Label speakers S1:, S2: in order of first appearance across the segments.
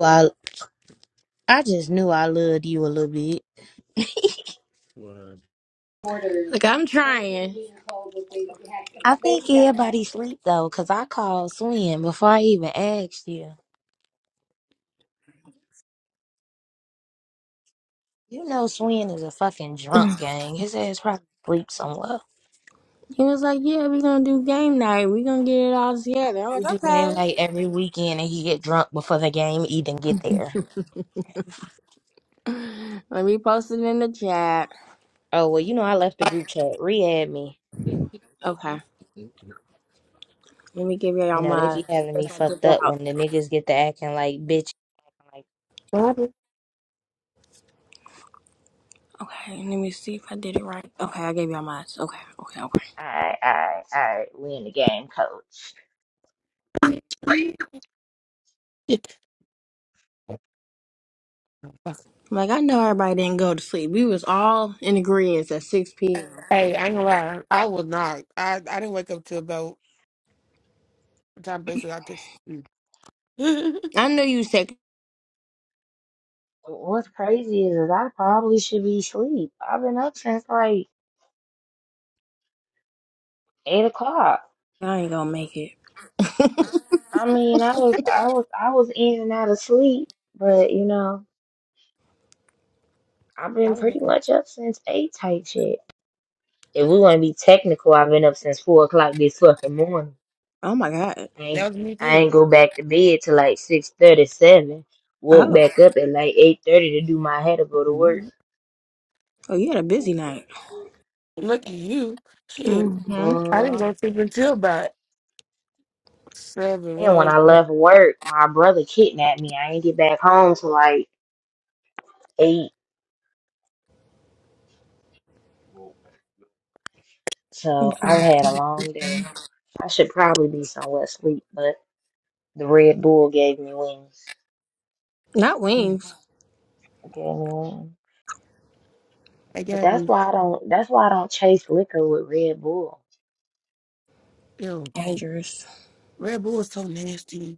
S1: I I just knew I loved you a little bit.
S2: Like I'm trying. He
S1: I think everybody sleep though, cause I called Swin before I even asked you. You know Swin is a fucking drunk gang. His ass probably sleep somewhere.
S2: was like, "Yeah, we're gonna do game night. We're gonna get it all together." I'm like,
S1: We do game
S2: "Okay."
S1: night every weekend, and he get drunk before the game even get there.
S2: Let me post it in the chat.
S1: Oh well, you know I left the group chat. Re-add me.
S2: Okay. Let me give
S1: You
S2: y'all
S1: know they
S2: my.
S1: be having
S2: Because
S1: me
S2: I did
S1: fucked up
S2: out.
S1: when the niggas get to acting like bitch. I'm like,
S2: Okay. Let me see if I did it right. Okay, I gave y'all my. Okay. Okay. Okay.
S1: all right, all right, all right. We in the game, coach.
S2: I'm like, I know everybody didn't go to sleep. We was all in agreement at 6 p.m.
S3: Hey, I ain't gonna lie. I was not. I, I didn't wake up till about the time basically I text. mm.
S2: I knew you said
S1: What's crazy is, is I probably should be asleep. I've been up since like eight o'clock.
S2: I ain't gonna make it.
S1: Mm, I mean, I was, I was, I was in and out of sleep, but you know, I've
S3: I
S1: been
S3: was
S1: pretty
S3: like,
S1: much up since eight type shit. If we want to be technical, I've been up since four o'clock this fucking morning.
S2: Oh my god.
S1: I ain't,
S3: that was me
S1: I ain't
S3: too.
S1: go back to bed till like six thirty seven. Woke
S2: Oh.
S1: back up at like eight thirty to do my hair to go to work.
S3: Mhm.
S2: Oh, you had a busy night.
S3: Look at you. Shit.
S2: Mm-hmm.
S3: I didn't
S1: Bruh.
S3: go to sleep until about seven.
S1: And when
S3: Where is
S1: I
S3: that?
S1: left work, my brother kidnapped me. I ain't get back home till like eight. So
S2: Okay.
S1: I've had a long day. I should probably be somewhere asleep, but the Red Bull gave me wings.
S2: Not
S3: Mm.
S2: wings.
S1: It gave me wings.
S3: I
S1: But
S3: got
S1: that's
S3: me.
S1: why I don't. That's why I don't chase liquor with Red Bull.
S3: Yo,
S2: Dangerous.
S3: Red Bull is so nasty.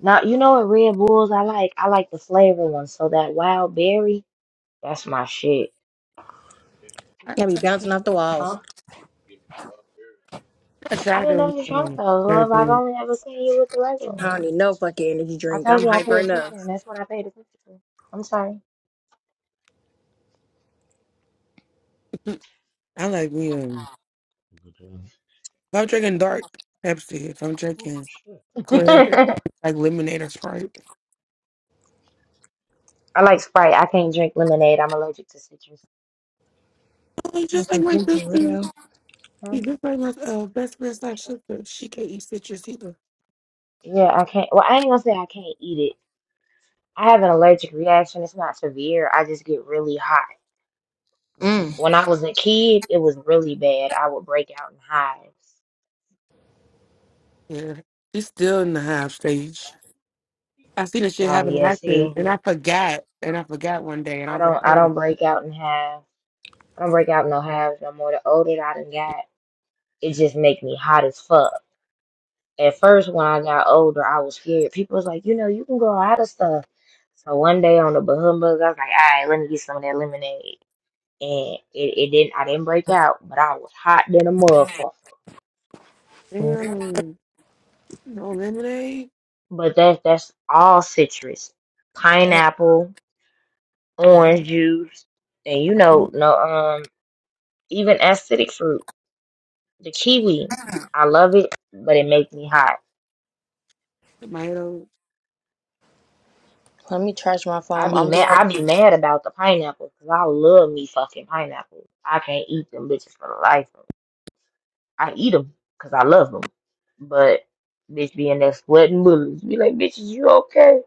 S1: Now you know what Red Bulls I like. I like the flavor ones. So that wild berry, that's my shit.
S3: I
S2: I be
S3: try,
S2: bouncing off the walls.
S1: Huh?
S3: I
S1: I
S3: tried
S1: didn't
S3: to
S1: know you drank
S3: um,
S1: those,
S3: Red
S1: love. I've
S3: Bull.
S1: only ever seen you with the regular
S2: I
S1: one.
S2: don't need no fucking energy
S1: I
S2: drink.
S1: told
S2: I'm
S1: you I
S2: hyper
S1: pay
S2: enough.
S1: attention, and that's what I paid attention to. I'm sorry.
S3: I like me. Um, if I'm drinking dark Pepsi, if I'm drinking clear,
S1: I
S3: like lemonade or Sprite.
S1: like Sprite. I can't drink lemonade. I'm allergic to citrus.
S3: He's
S2: With
S3: just like
S2: some
S3: my
S2: ginger
S3: sister.
S2: ale.
S3: He's just like my uh, best friend slash sister. She can't eat citrus either.
S1: Yeah, I can't. Well, I ain't gonna say I can't eat it. I have an allergic reaction. It's not severe. I just get really hot.
S3: Oh shit.
S2: Mm.
S1: When I was a kid, it was really bad. I would break out in hives.
S3: Yeah. She's still in the half stage. I seen this shit
S1: So
S3: happen to
S1: yeah,
S3: actors
S1: see,
S3: and I forgot. And I forgot one day and I
S1: I
S3: was like,
S1: don't, I
S3: oh
S1: don't break out in hives. I don't break out in no hives no more. The older that I done got, it just make me hot as fuck. At first, when I got older, I was scared. People was like, you know, you can grow out of stuff. So one day on the Bahamas, I was like, all right, let me get some of that lemonade. and it, it didn't I didn't break out, but I was hot than a motherfucker.
S3: damn, no lemonade?
S1: But that's that's all citrus. Pineapple,
S3: Yeah.
S1: orange juice, and you know, no um even acidic fruit, the kiwi. I love it, but it makes me hot.
S3: Tomatoes.
S2: Let me charge my
S1: I
S2: phone.
S1: be
S2: I'm
S1: mad
S2: gonna
S1: I
S2: be.
S1: be mad about the pineapple because I love me fucking pineapple. I can't eat them bitches for the life of me. I eat them because I love them. But bitch being that sweating bullets, be like, bitches, you okay?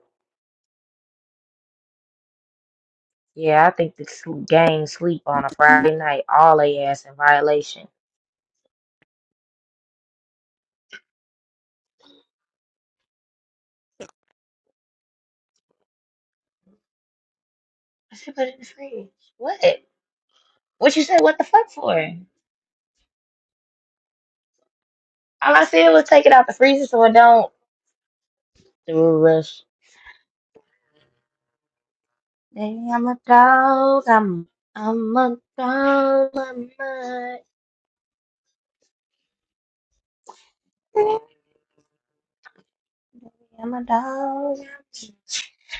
S1: Yeah, I think the sl- gang sleep on a Friday night, all they ass in violation. I said, put it in the fridge. What? What you say? What the fuck for? All I said was take it out the freezer so it don't do a rush. Hey, I'm a dog. I'm I'm a dog. I'm a i I'm a dog.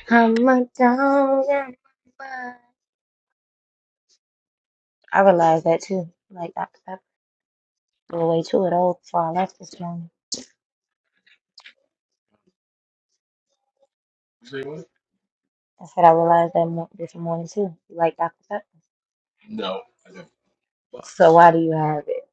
S1: I'm a dog. I'm a I realized that too. Like I, I threw away two of those before I left this morning. I said I realized that mo this morning too. You like Dr. Pepper. So why do you have it?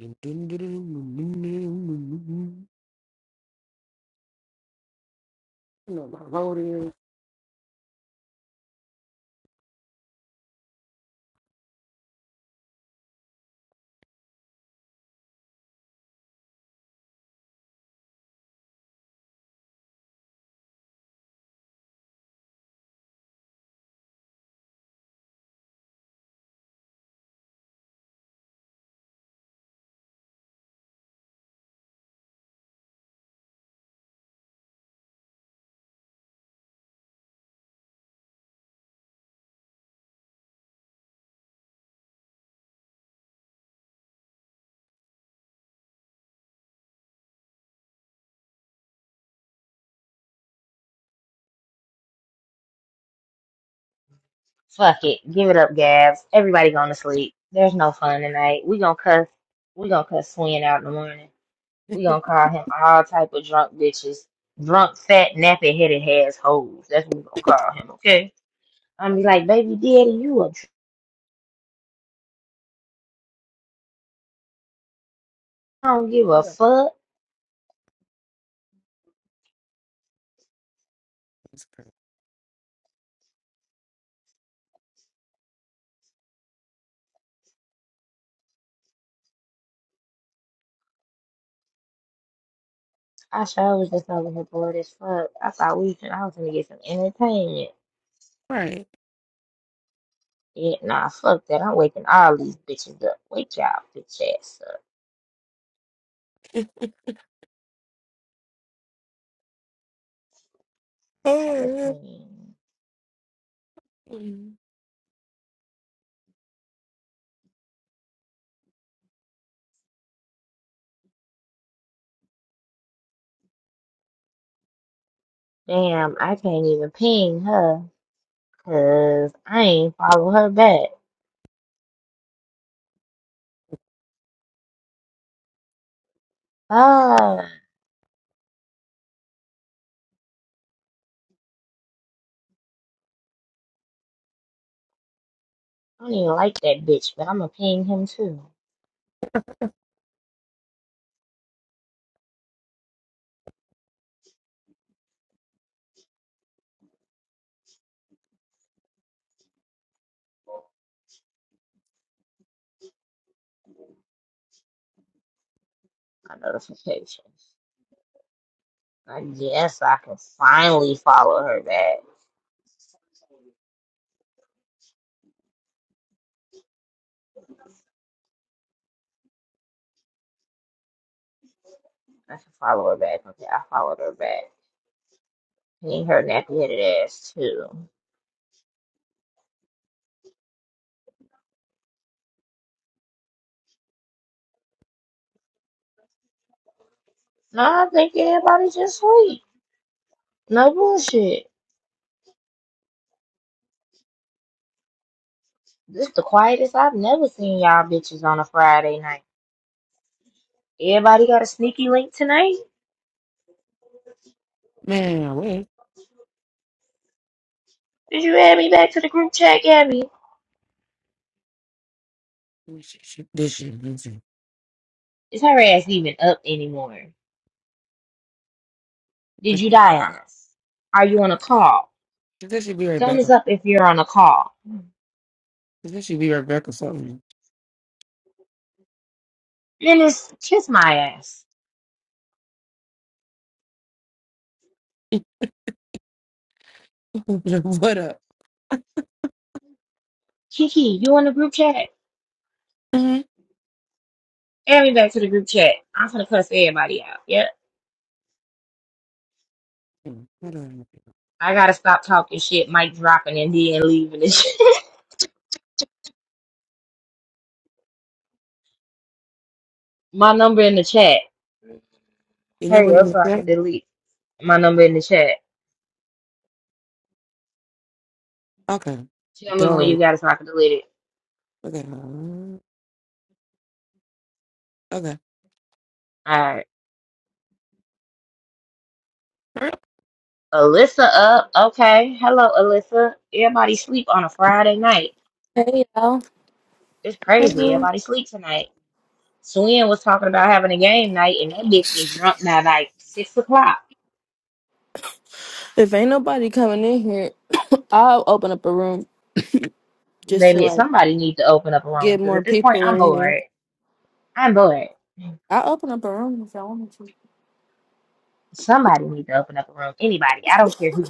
S3: You my loading.
S1: Fuck it. Give it up, Gabs. Everybody going to sleep. There's no fun tonight. We gonna cuss. We gonna cuss Swin out in the morning. We gonna call him all type of drunk bitches, drunk, fat, nappy headed ass hoes. That's what we gonna call him, okay? I'm be like, baby daddy, you a dr- I don't give
S3: Oh
S1: a
S3: yeah.
S1: fuck.
S3: It's crazy.
S1: I sure was just over here bored as fuck. I thought we should, I was gonna get some entertainment.
S3: Right.
S1: Yeah, nah, fuck that. I'm waking all these bitches up. Wake y'all bitch ass up. Gotta
S3: oh yeah.
S1: ping.
S3: Mm.
S1: Damn, I can't even ping her 'cause I ain't follow her back. Ah, I don't even like that bitch, but I'm gonna ping him too. My notifications. I guess I can finally follow her back. I can follow her back. Okay, I followed her back. Ping her nappy headed ass too. No, I think everybody just sleep. No bullshit. This the quietest I've never seen y'all bitches on a Friday night. Everybody got a sneaky link tonight?
S3: Man, wait.
S1: Did you add me back to the group chat, Gabby?
S3: This shit, this shit, this shit.
S1: Is her ass even up anymore? Did you die on us? Are you on a call?
S3: This should be right back.
S1: Thumbs up if you're on a call.
S3: This should be right back or something.
S1: Menace, kiss my ass.
S3: what up?
S1: Kiki, you on the group chat?
S3: hmm
S1: Add me back to the group chat. I'm gonna cuss everybody out. Yep.
S3: Hold on.
S1: I gotta stop talking shit, mic dropping and then leaving this shit. my number in the chat.
S3: Your
S1: Hurry
S3: number
S1: up
S3: is
S1: so I can
S3: that?
S1: delete my number in the chat.
S3: Okay.
S1: Tell me when
S3: Dog.
S1: you got it so I can delete it.
S3: Okay. um, Okay.
S1: All right.
S3: Hey,
S1: Alyssa up. Okay. Hello, Alyssa. Everybody sleep on a Friday night.
S4: Hey y'all.
S1: It's crazy.
S3: girl.
S1: Everybody sleep tonight. Swin was talking about having a game night, and that bitch was drunk by like six o'clock.
S4: If ain't nobody coming in here, I'll open up a room just to
S1: Maybe
S4: like
S1: somebody needs to open up a room
S4: get
S1: because
S4: more
S1: at this point
S4: people
S1: I'm
S4: in here.
S1: bored. I'm bored.
S4: I'll open up a room if y'all want me to.
S1: Somebody needs to open up a room. Anybody. I don't care who.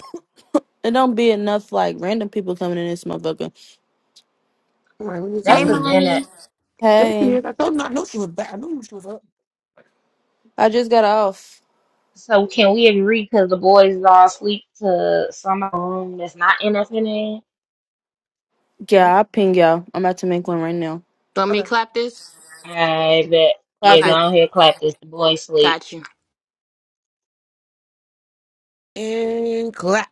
S4: It don't be enough like random people coming in this motherfucker.
S3: All right, we need some
S1: That's
S2: Hey,
S1: the
S3: random.
S1: in it.
S2: Money.
S3: There she
S4: Hey,
S3: is. I told her I knew she was back. I knew she was up.
S4: I just got off.
S1: So can we agree? Because the boys all sleep to some room that's not in
S3: Yeah.
S4: Yeah, I'll ping y'all. I'm about to make one right now.
S2: Want me
S3: Okay.
S2: to clap this?
S1: I bet. Yeah,
S4: Clap
S1: go
S4: it.
S2: Okay,
S1: on here, clap this. The boy sleep.
S2: got you.
S3: And clap.